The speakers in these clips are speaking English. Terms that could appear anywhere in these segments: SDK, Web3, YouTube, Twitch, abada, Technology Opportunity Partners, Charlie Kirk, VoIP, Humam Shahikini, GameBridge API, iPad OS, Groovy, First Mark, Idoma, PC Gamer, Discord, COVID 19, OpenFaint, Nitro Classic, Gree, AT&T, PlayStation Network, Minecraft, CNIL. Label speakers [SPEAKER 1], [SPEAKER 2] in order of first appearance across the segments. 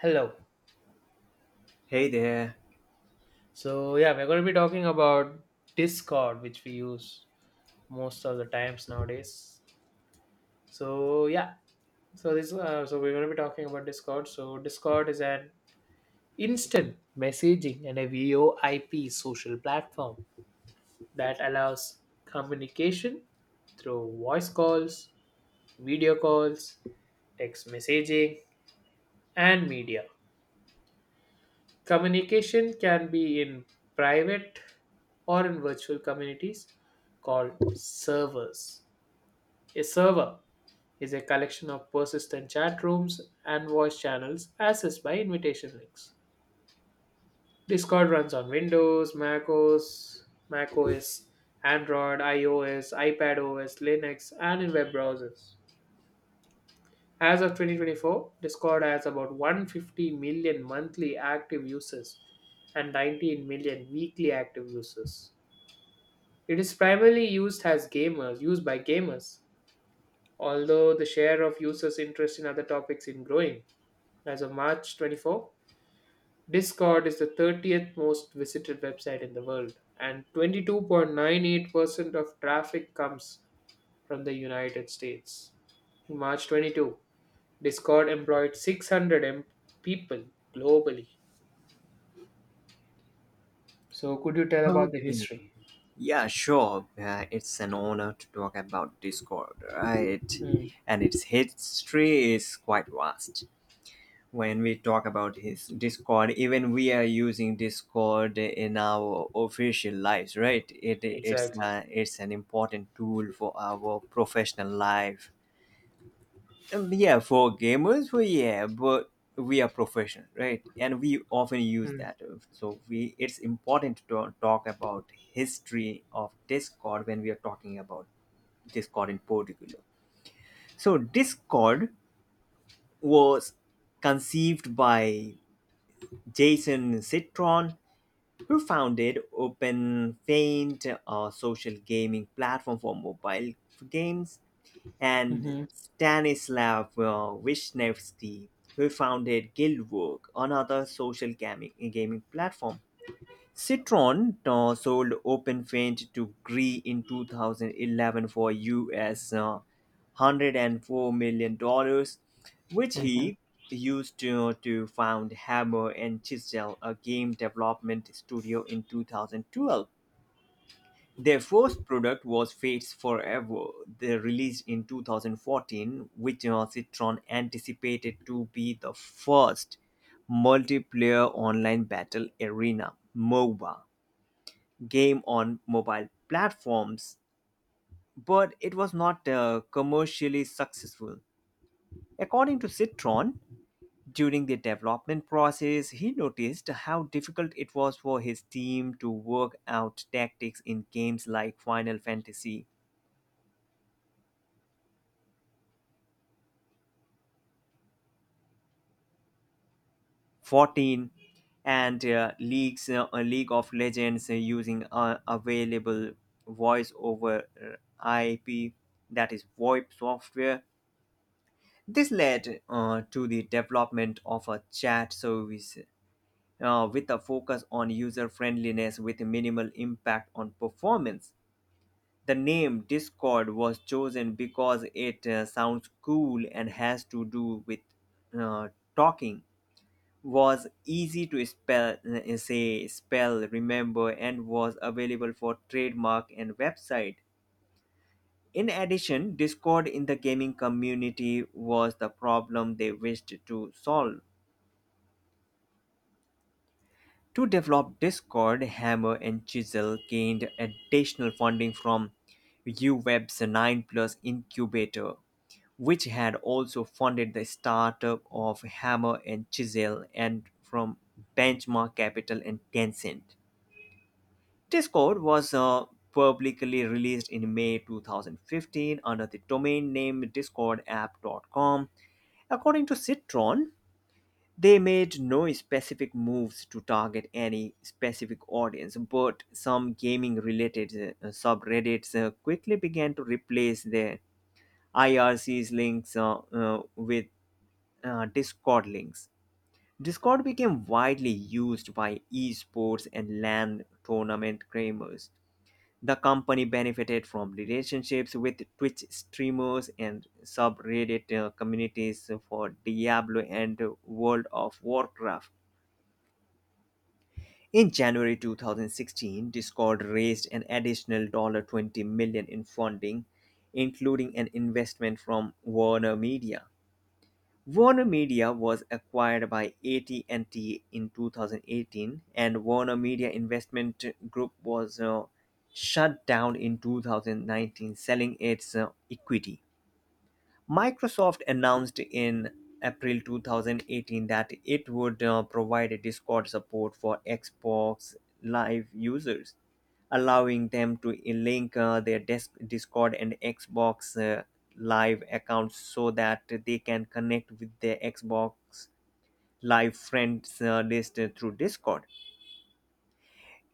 [SPEAKER 1] Hello.
[SPEAKER 2] Hey there.
[SPEAKER 1] So yeah, we're going to be talking about Discord, which we use most of the times nowadays. So yeah, so we're going to be talking about Discord. So Discord is an instant messaging and a VoIP social platform that allows communication through voice calls, video calls, text messaging, and media. Communication can be in private or in virtual communities called servers. A server is a collection of persistent chat rooms and voice channels accessed by invitation links. Discord runs on Windows, Mac OS, Android, iOS, iPad OS, Linux, and in web browsers. As of 2024, Discord has about 150 million monthly active users and 19 million weekly active users. It is primarily used by gamers, although the share of users interest in other topics is growing. As of March 24, Discord is the 30th most visited website in the world, and 22.98% of traffic comes from the United States. In March 22, Discord employed 600 people globally. So, could you tell about the
[SPEAKER 2] Okay.
[SPEAKER 1] history?
[SPEAKER 2] Yeah, sure. It's an honor to talk about Discord, right?
[SPEAKER 1] Hmm.
[SPEAKER 2] And its history is quite vast. When we talk about his Discord, even we are using Discord in our official lives, right? It it's
[SPEAKER 1] Exactly.
[SPEAKER 2] uh, it's an important tool for our professional life. Yeah, for gamers, well, yeah, but we are professional, right? And we often use
[SPEAKER 1] Hmm.
[SPEAKER 2] that. So it's important to talk about history of Discord when we are talking about Discord in particular. So Discord was conceived by Jason Citron, who founded OpenFaint, a social gaming platform for mobile games, and
[SPEAKER 1] Mhm.
[SPEAKER 2] Stanislav Vishnevsky, who founded Guildwork, another social gaming platform. Citron sold OpenFint to Gree in 2011 for US $104 million, which he used to found Hammer and Chisel, a game development studio in 2012. Their first product was Fates Forever, they released in 2014, which Citron anticipated to be the first multiplayer online battle arena MOBA game on mobile platforms, but it was not commercially successful. According to Citron, during the development process, he noticed how difficult it was for his team to work out tactics in games like Final Fantasy 14 and leagues a league of legends, using available voice over IP, that is, VoIP software. This led to the development of a chat service, with a focus on user friendliness with minimal impact on performance. The name Discord was chosen because it sounds cool, and has to do with uh, talking, was easy to spell, remember, and was available for trademark and website. In addition, Discord in the gaming community was the problem they wished to solve. To develop Discord, Hammer and Chisel gained additional funding from uweb's 9 plus incubator, which had also funded the startup of Hammer and Chisel, and from Benchmark Capital and Tencent. Discord was publicly released in May 2015 under the domain name discordapp.com. According to Citron, they made no specific moves to target any specific audience, but some gaming related subreddits quickly began to replace their IRC's links with Discord links. Discord became widely used by esports and LAN tournament gamers. The company benefited from relationships with Twitch streamers and subreddit communities for Diablo and World of Warcraft. In January 2016, Discord raised an additional $20 million dollars in funding, including an investment from Warner Media. Warner Media was acquired by AT&T in 2018, and Warner Media Investment Group was shut down in 2019, selling its equity. Microsoft announced in April 2018 that it would provide a Discord support for Xbox Live users, allowing them to link their Discord and Xbox Live accounts, so that they can connect with their Xbox Live friends list through Discord.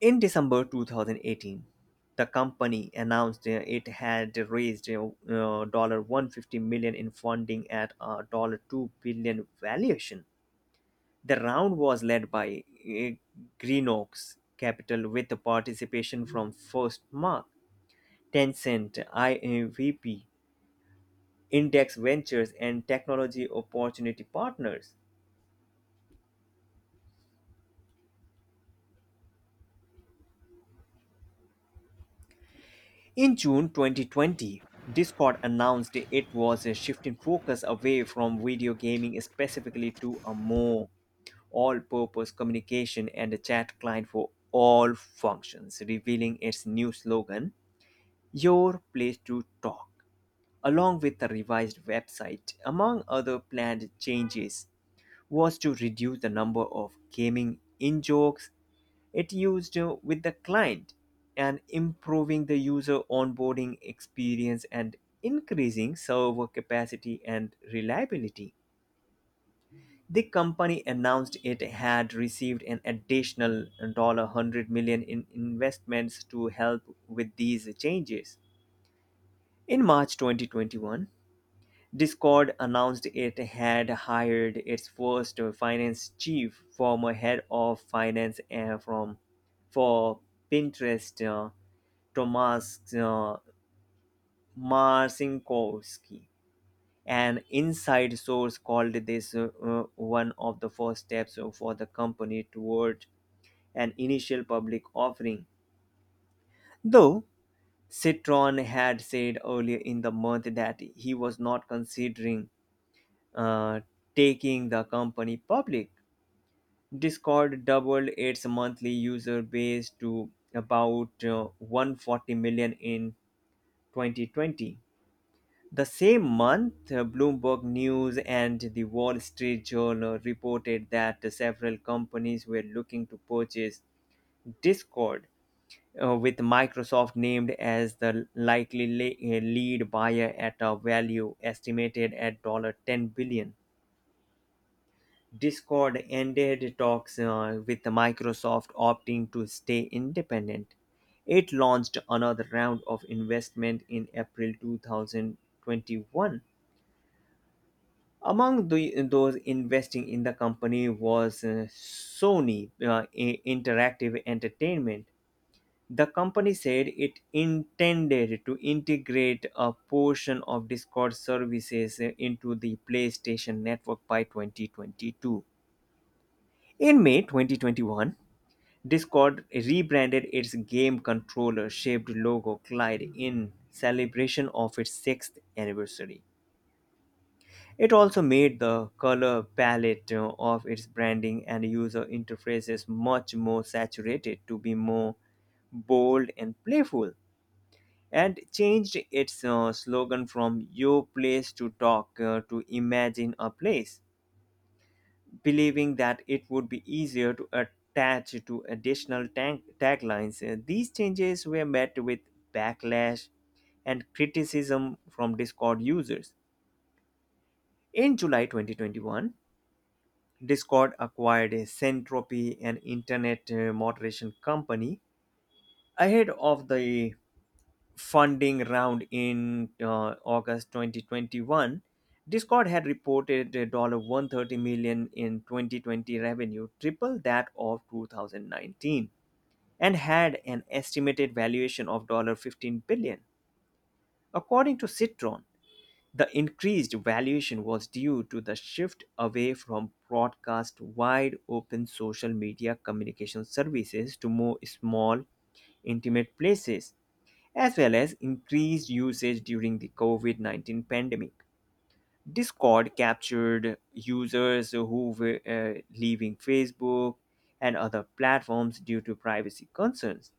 [SPEAKER 2] In December 2018, the company announced it had raised $150 in funding at a $2 billion valuation. The round was led by Green Oaks Capital, with the participation from First Mark, Tencent, IAVP, Index Ventures, and Technology Opportunity Partners. In June 2020, Discord announced it was shifting focus away from video gaming specifically, to a more all purpose communication and chat client for all functions, revealing its new slogan, Your Place to Talk. Along with the revised website, among other planned changes, was to reduce the number of gaming in jokes it used with the client, and improving the user onboarding experience, and increasing server capacity and reliability. The company announced it had received an additional $100 in investments to help with these changes. In March 2021, Discord announced it had hired its first finance chief, former head of finance from for Pinterest, Tomas Marcinkovsky. An inside source called this one of the first steps for the company toward an initial public offering. Though Citron had said earlier in the month that he was not considering uh, taking the company public, Discord doubled its monthly user base to about 140 million in 2020. The same month, Bloomberg News and the Wall Street Journal reported that several companies were looking to purchase Discord, with Microsoft named as the likely lead buyer at a value estimated at $10 billion. Discord ended talks with Microsoft, opting to stay independent. It launched another round of investment in April 2021. Among those investing in the company was Sony Interactive Entertainment. The company said it intended to integrate a portion of Discord services into the PlayStation Network by 2022. In May 2021, Discord rebranded its game controller shaped logo Clyde in celebration of its sixth anniversary. It also made the color palette of its branding and user interfaces much more saturated, to be more bold and playful, and changed its slogan from Your Place to Talk to Imagine a Place, believing that it would be easier to attach to additional taglines. These changes were met with backlash and criticism from Discord users. In July 2021, Discord acquired a Centropy, an internet moderation company, ahead of the funding round in August 2021. Discord had reported $130 in 2020 revenue, triple that of 2019, and had an estimated valuation of $15 billion. According to Citron, the increased valuation was due to the shift away from broadcast wide open social media communication services to more small, intimate places, as well as increased usage during the COVID-19 pandemic. Discord captured users who were leaving Facebook and other platforms due to privacy concerns.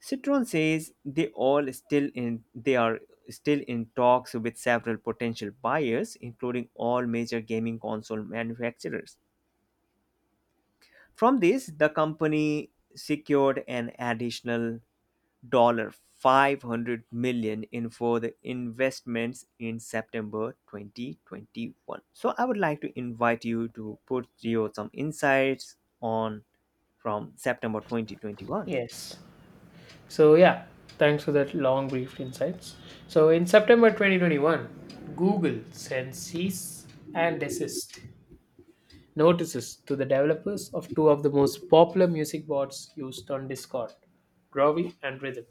[SPEAKER 2] Citron says they are still in talks with several potential buyers, including all major gaming console manufacturers. From this, the company secured an additional $500 million in further investments in September 2021. So I would like to invite you to put your some insights on from September 2021.
[SPEAKER 1] Yes. So yeah, thanks for that long brief insights. So, in September 2021, Google sent cease and desist notices to the developers of two of the most popular music bots used on Discord, Groovy and Rhythm,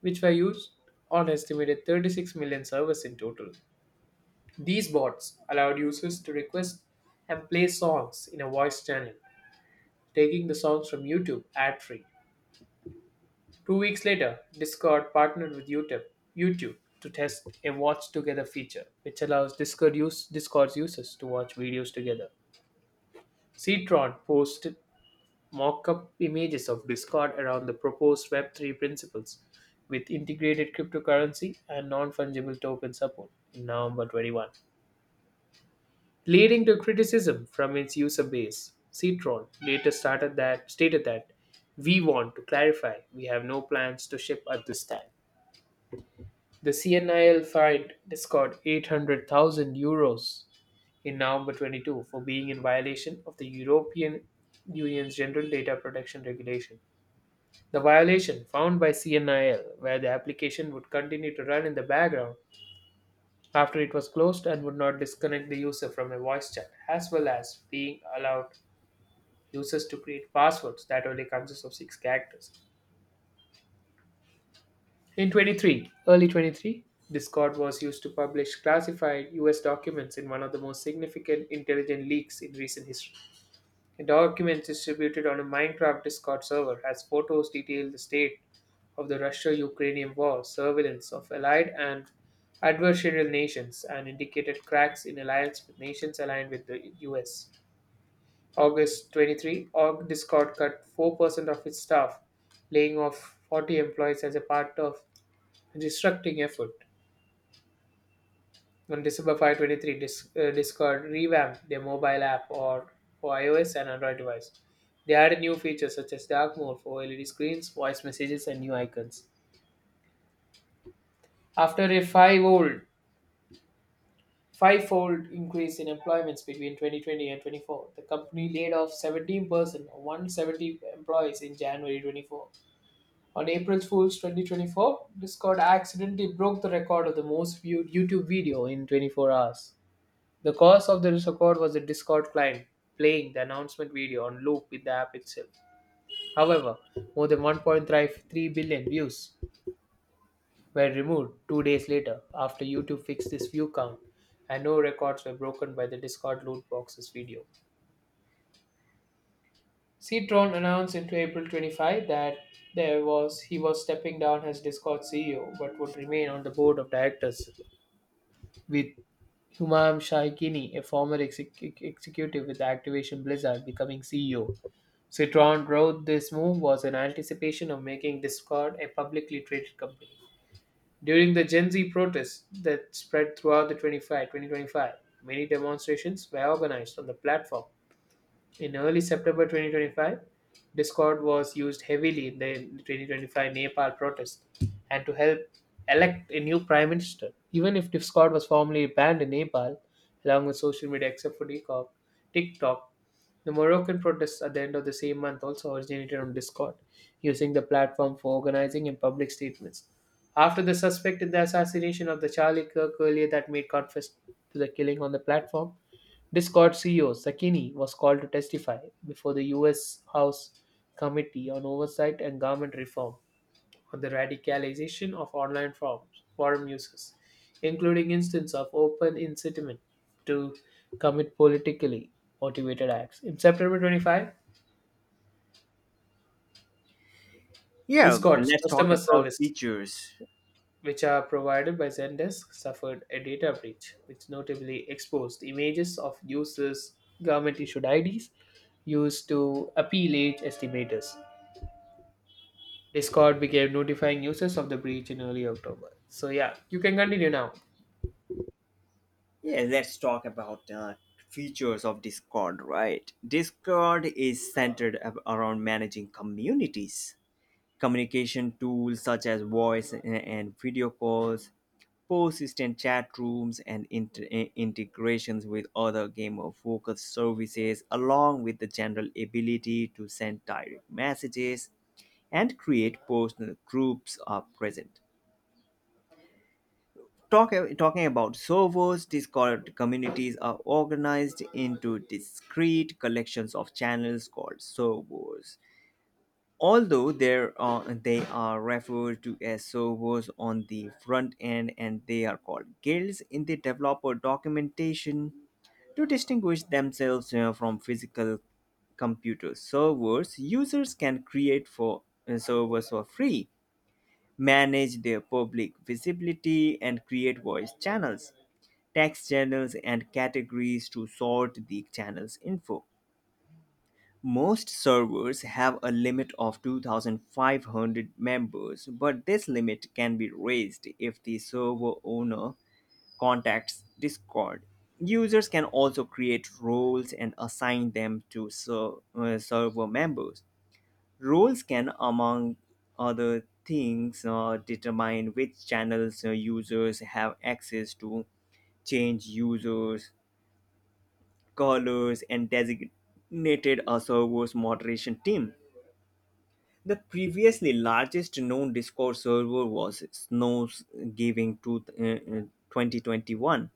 [SPEAKER 1] which were used on estimated 36 million servers in total. These bots allowed users to request and play songs in a voice channel, taking the songs from YouTube ad free. 2 weeks later, Discord partnered with YouTube, YouTube to test a watch together feature, which allows Discord's users to watch videos together. Ctron posted mock up images of Discord around the proposed Web3 principles with integrated cryptocurrency and non fungible token support in November 21, leading to criticism from its user base. Citron later started that stated that we want to clarify we have no plans to ship at this time. The CNIL fined Discord €800,000 in November 22 for being in violation of the European Union's General Data Protection Regulation. The violation found by CNIL, where the application would continue to run in the background after it was closed and would not disconnect the user from a voice chat, as well as being allowed users to create passwords that only consist of six characters. Early 23, Discord was used to publish classified US documents in one of the most significant intelligence leaks in recent history. The documents distributed on a Minecraft Discord server has photos detail the state of the Russia-Ukrainian war, surveillance of allied and adversarial nations, and indicated cracks in alliance with nations aligned with the US. August 23, Org Discord cut 4% of its staff, laying off 40 employees as a part of restructuring effort. On December 5, 23, Discord revamped their mobile app or for iOS and Android device. They added new features such as dark mode for LED screens, voice messages, and new icons. After a five-fold increase in employments between 2020 and 24, the company laid off 17% or 170 employees in January 24. On April Fool's 2024, Discord accidentally broke the record of the most viewed YouTube video in 24 hours. The cause of the record was the Discord client playing the announcement video on loop in the app itself. However, more than 1.33 billion views were removed 2 days later after YouTube fixed this view count, and no records were broken by the Discord loot boxes video. Citron announced in April 25 that there was he was stepping down as Discord CEO but would remain on the board of directors, with Humam Shahikini, a former executive with Activation Blizzard, becoming CEO. Citron wrote this move was in anticipation of making Discord a publicly traded company. During the Gen Z protests that spread throughout the 2025, many demonstrations were organized on the platform in early September 2025. Discord was used heavily in the 2025 Nepal protest and to help elect a new prime minister. Even if Discord was formally banned in Nepal, along with social media except for TikTok, TikTok, the Moroccan protests at the end of the same month also originated on Discord, using the platform for organizing and public statements. After the suspect in the assassination of the Charlie Kirk earlier that made confess to the killing on the platform, Discord CEO Sakini was called to testify before the U.S. House Committee on Oversight and Government Reform on the radicalization of online forum users, including instances of open incitement to commit politically motivated acts. In September 25,
[SPEAKER 2] Yeah,
[SPEAKER 1] Discord's
[SPEAKER 2] let's talk
[SPEAKER 1] customer
[SPEAKER 2] about
[SPEAKER 1] service,
[SPEAKER 2] features.
[SPEAKER 1] which are provided by Zendesk, suffered a data breach, which notably exposed images of users' government issued IDs used to appeal age estimators. Discord began notifying users of the breach in early October. So, yeah, you can continue now.
[SPEAKER 2] Yeah, let's talk about features of Discord, right? Discord is centered around managing communities, communication tools such as voice and video calls, persistent chat rooms, and integrations with other game of focus services, along with the general ability to send direct messages and create personal groups are present. Talking about servers, Discord communities are organized into discrete collections of channels called servers. Although they are referred to as servers on the front end, and they are called guilds in the developer documentation to distinguish themselves from physical computer servers. Users can create for servers for free, manage their public visibility, and create voice channels, text channels, and categories to sort the channel's info. Most servers have a limit of 2500 members, but this limit can be raised if the server owner contacts Discord. Users can also create roles and assign them to server members. Roles can, among other things, determine which channels users have access to, change users, colors, and designated a server's moderation team. The previously largest known Discord server was Snow's Giving to, 2021,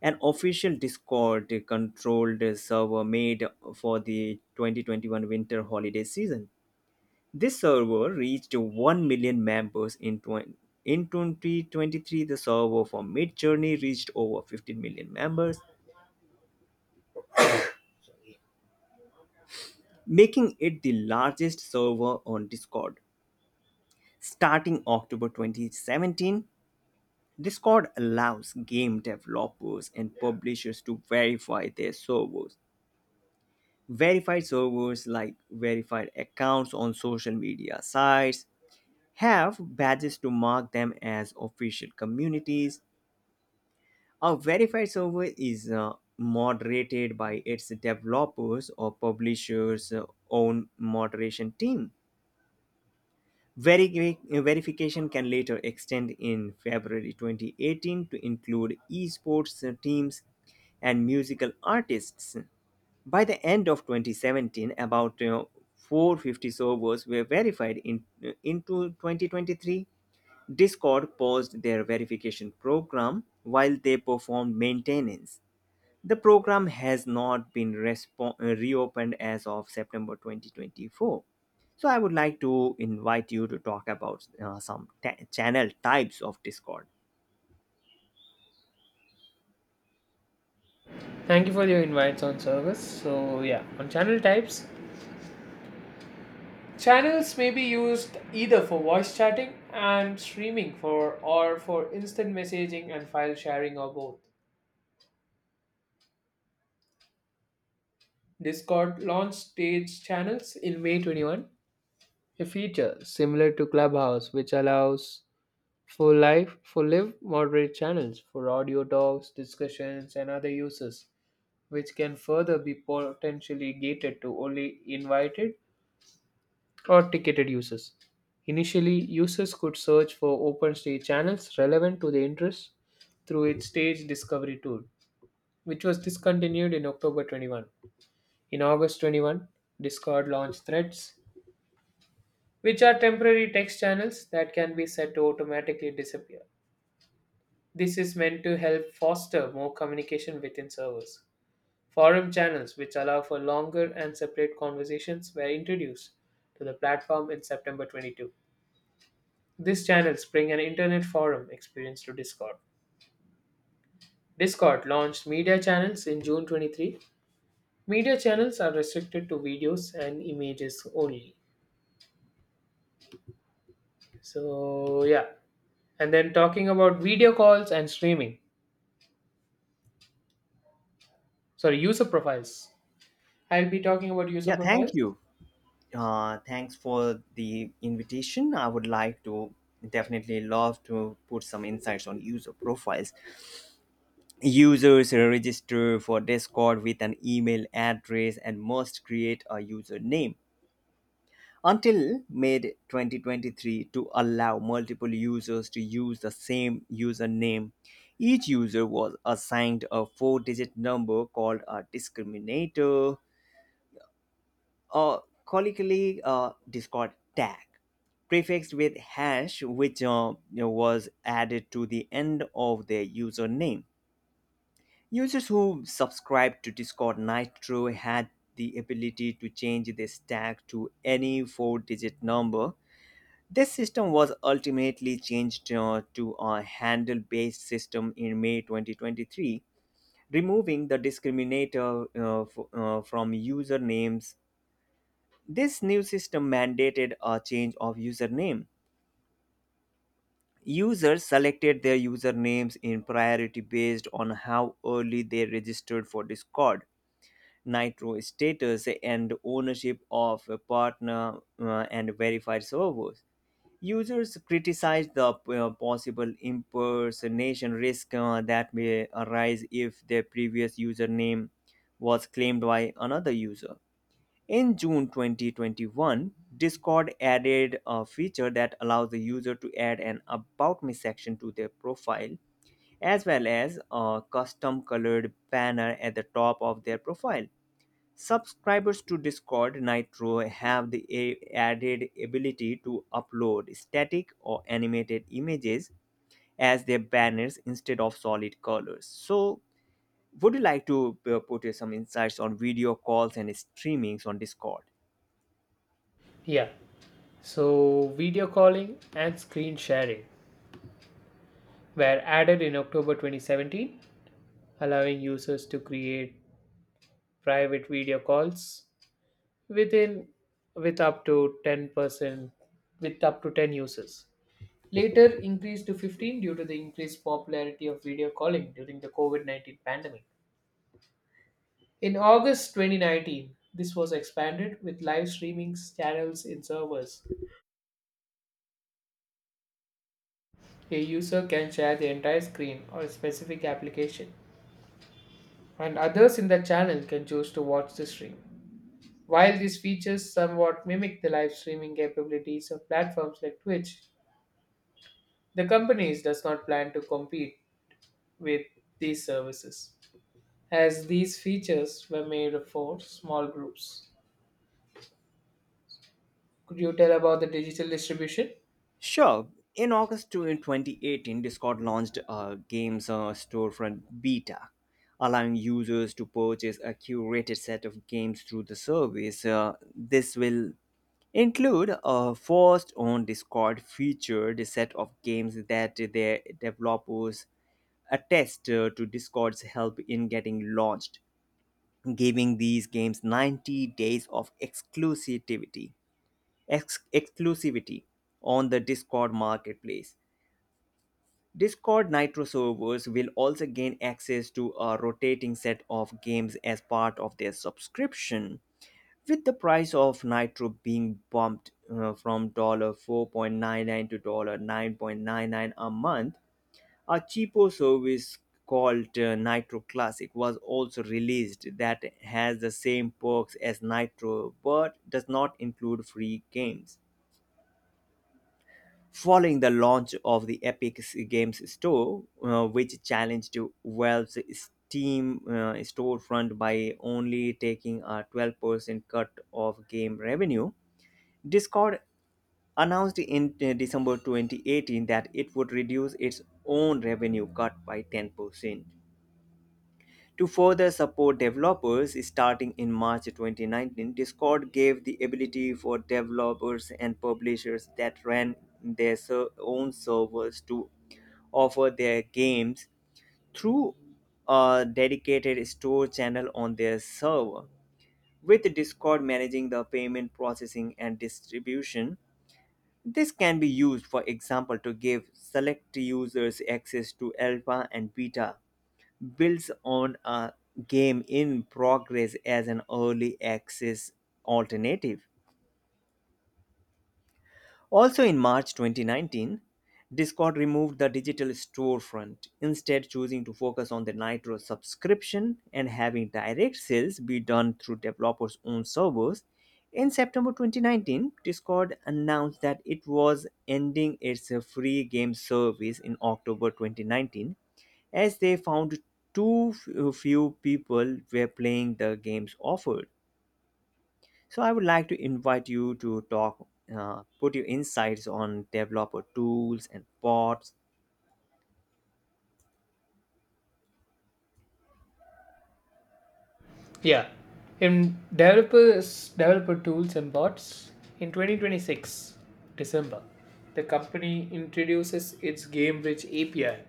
[SPEAKER 2] an official Discord controlled server made for the 2021 winter holiday season. This server reached 1 million members in in 2023. The server for Midjourney reached over 15 million members, making it the largest server on Discord. Starting October 2017, Discord allows game developers and publishers to verify their servers. Verified servers, like verified accounts on social media sites, have badges to mark them as official communities. A verified server is moderated by its developers or publishers' own moderation team. Veri- verification can later extend in February 2018 to include esports teams and musical artists. By the end of 2017, about 450 servers were verified into 2023. Discord paused their verification program while they performed maintenance. The program has not been reopened as of September 2024. So, I would like to invite you to talk about some channel types of Discord.
[SPEAKER 1] Thank you for your invites on service. So, yeah, on channel types, channels may be used either for voice chatting and streaming for instant messaging and file sharing or both. Discord launched stage channels in May 21, a feature similar to Clubhouse, which allows for live moderate channels for audio talks, discussions, and other uses, which can further be potentially gated to only invited or ticketed users. Initially, users could search for open stage channels relevant to their interests through its stage discovery tool, which was discontinued in October 21. In August 21, Discord launched Threads, which are temporary text channels that can be set to automatically disappear. This is meant to help foster more communication within servers. Forum channels, which allow for longer and separate conversations, were introduced to the platform in September 22. These channels bring an internet forum experience to Discord. Discord launched media channels in June 23. Media channels are restricted to videos and images only. So, yeah. And then talking about video calls and streaming. Sorry user profiles I'll be talking about user
[SPEAKER 2] Yeah, thank
[SPEAKER 1] profiles.
[SPEAKER 2] you. Thanks for the invitation. I would like to definitely love to put some insights on user profiles. Users register for Discord with an email address and must create a username. Until May 2023 to allow multiple users to use the same username. Each user was assigned a four digit number called a discriminator, or colloquially Discord tag, prefixed with hash, which was added to the end of their username. Users who subscribed to Discord Nitro had the ability to change this tag to any four digit number. This system was ultimately changed to a handle based system in May 2023, removing the discriminator from usernames. This new system mandated a change of username. Users selected their usernames in priority based on how early they registered for Discord, Nitro status, and ownership of a partner and verified servers. Users criticized the possible impersonation risk that may arise if their previous username was claimed by another user. In June 2021, Discord added a feature that allows the user to add an About Me section to their profile, as well as a custom colored banner at the top of their profile. Subscribers to Discord Nitro have the added ability to upload static or animated images as their banners instead of solid colors. So, would you like to put some insights on video calls and streamings on Discord?
[SPEAKER 1] Yeah. So video calling and screen sharing were added in October 2017, allowing users to create private video calls within with up to 10% with up to 10 users, later increased to 15 due to the increased popularity of video calling during the COVID-19 pandemic. In August 2019, this was expanded with live streaming channels in servers. A user can share the entire screen or a specific application, and others in the channel can choose to watch the stream. While these features somewhat mimic the live streaming capabilities of platforms like Twitch, the companies does not plan to compete with these services, as these features were made for small groups. Could you tell about the digital distribution?
[SPEAKER 2] Sure. In August 2018, Discord launched a games storefront beta, allowing users to purchase a curated set of games through the service. This will include a first on Discord featured set of games that their developers attest to Discord's help in getting launched, giving these games 90 days of exclusivity on the Discord marketplace. Discord Nitro servers will also gain access to a rotating set of games as part of their subscription, with the price of Nitro being bumped from $4 to $9 a month. A cheapo service called Nitro Classic was also released that has the same perks as Nitro but does not include free games. Following the launch of the Epic Games Store, which challenged Valve's Steam storefront by only taking a 12% cut of game revenue, Discord announced in December 2018 that it would reduce its own revenue cut by 10%. To further support developers, starting in March 2019, Discord gave the ability for developers and publishers that ran own servers to offer their games through a dedicated store channel on their server. With Discord managing the payment processing and distribution, this can be used, for example, to give select users access to alpha and beta, builds on a game in progress as an early access alternative. Also in March 2019, Discord removed the digital storefront, instead, choosing to focus on the Nitro subscription and having direct sales be done through developers' own servers. In September 2019, Discord announced that it was ending its free game service in October 2019 as they found few people were playing the games offered. So I would like to invite you to talk, put your insights on developer tools and bots.
[SPEAKER 1] Yeah. In developers developer tools and bots, in 2026 December, the company introduces its GameBridge API,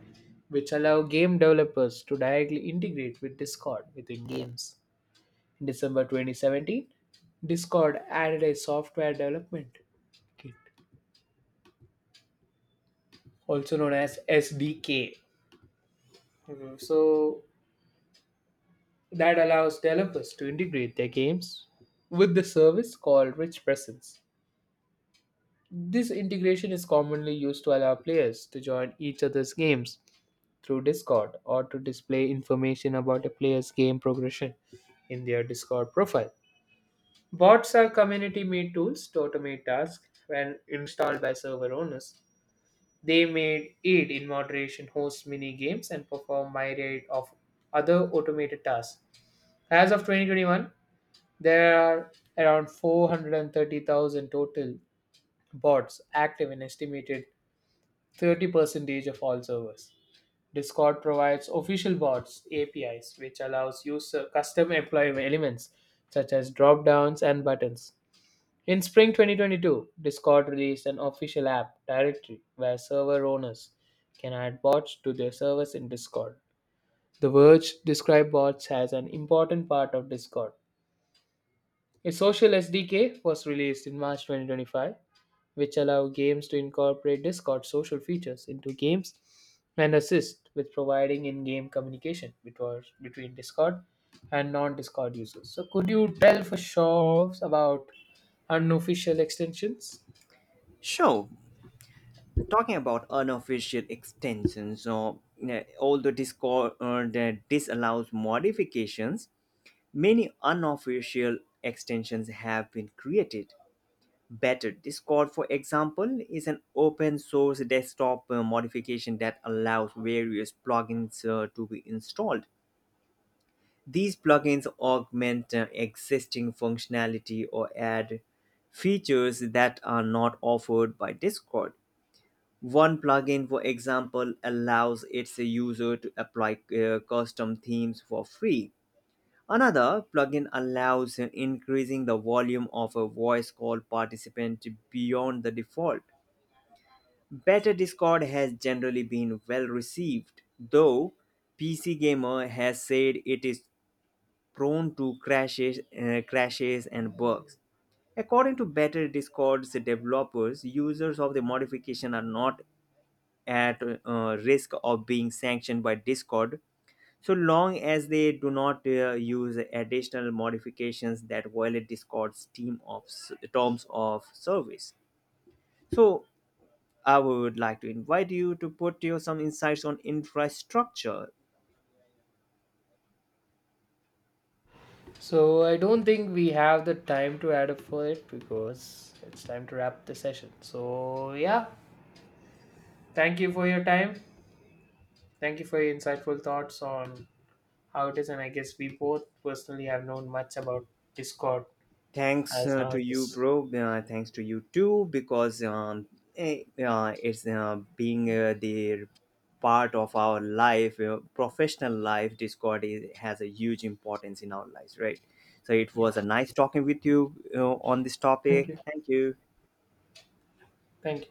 [SPEAKER 1] which allow game developers to directly integrate with Discord within games. In December 2017, Discord added a software development kit, also known as SDK. Mhm. So that allows developers to integrate their games with the service called Rich Presence. This integration is commonly used to allow players to join each other's games through Discord or to display information about a player's game progression in their Discord profile. Bots are community made tools to automate tasks when installed by server owners. They may aid in moderation, host mini games, and perform myriad of other automated tasks. As of 2021, there are around 430,000 total bots active and estimated 30% of all servers. Discord provides official bots APIs, which allows user custom employee elements such as drop downs and buttons. In spring 2022, Discord released an official app directory where server owners can add bots to their servers in Discord. The Verge described bots as an important part of Discord. A social SDK was released in March 2025, which allow games to incorporate Discord social features into games and assist with providing in game communication between Discord and non Discord users. So, could you tell for sure about unofficial extensions?
[SPEAKER 2] So talking about unofficial extensions, so although Discord that disallows modifications, many unofficial extensions have been created. Better Discord, for example, is an open source desktop modification that allows various plugins to be installed. These plugins augment existing functionality or add features that are not offered by Discord. One plugin, for example, allows its user to apply custom themes for free. Another plugin allows increasing the volume of a voice call participant beyond the default. Better Discord has generally been well received, though PC Gamer has said it is prone to crashes and bugs. According to Better Discord's developers, users of the modification are not at risk of being sanctioned by Discord so long as they do not use additional modifications that violate Discord's terms of service. So I would like to invite you to put your some insights on infrastructure.
[SPEAKER 1] So, I don't think we have the time to add up for it because it's time to wrap the session. So, yeah, thank you for your time. Thank you for your insightful thoughts on how it is, and I guess we both personally have known much about Discord
[SPEAKER 2] Thanks
[SPEAKER 1] as now,
[SPEAKER 2] to you,
[SPEAKER 1] nowadays.
[SPEAKER 2] bro. Thanks to you too, because it's being the part of our life, professional life. Has a huge importance in our lives, right? So it
[SPEAKER 1] Yeah.
[SPEAKER 2] was a nice talking with you on this
[SPEAKER 1] Thank
[SPEAKER 2] topic.
[SPEAKER 1] you.
[SPEAKER 2] Thank you.
[SPEAKER 1] Thank you.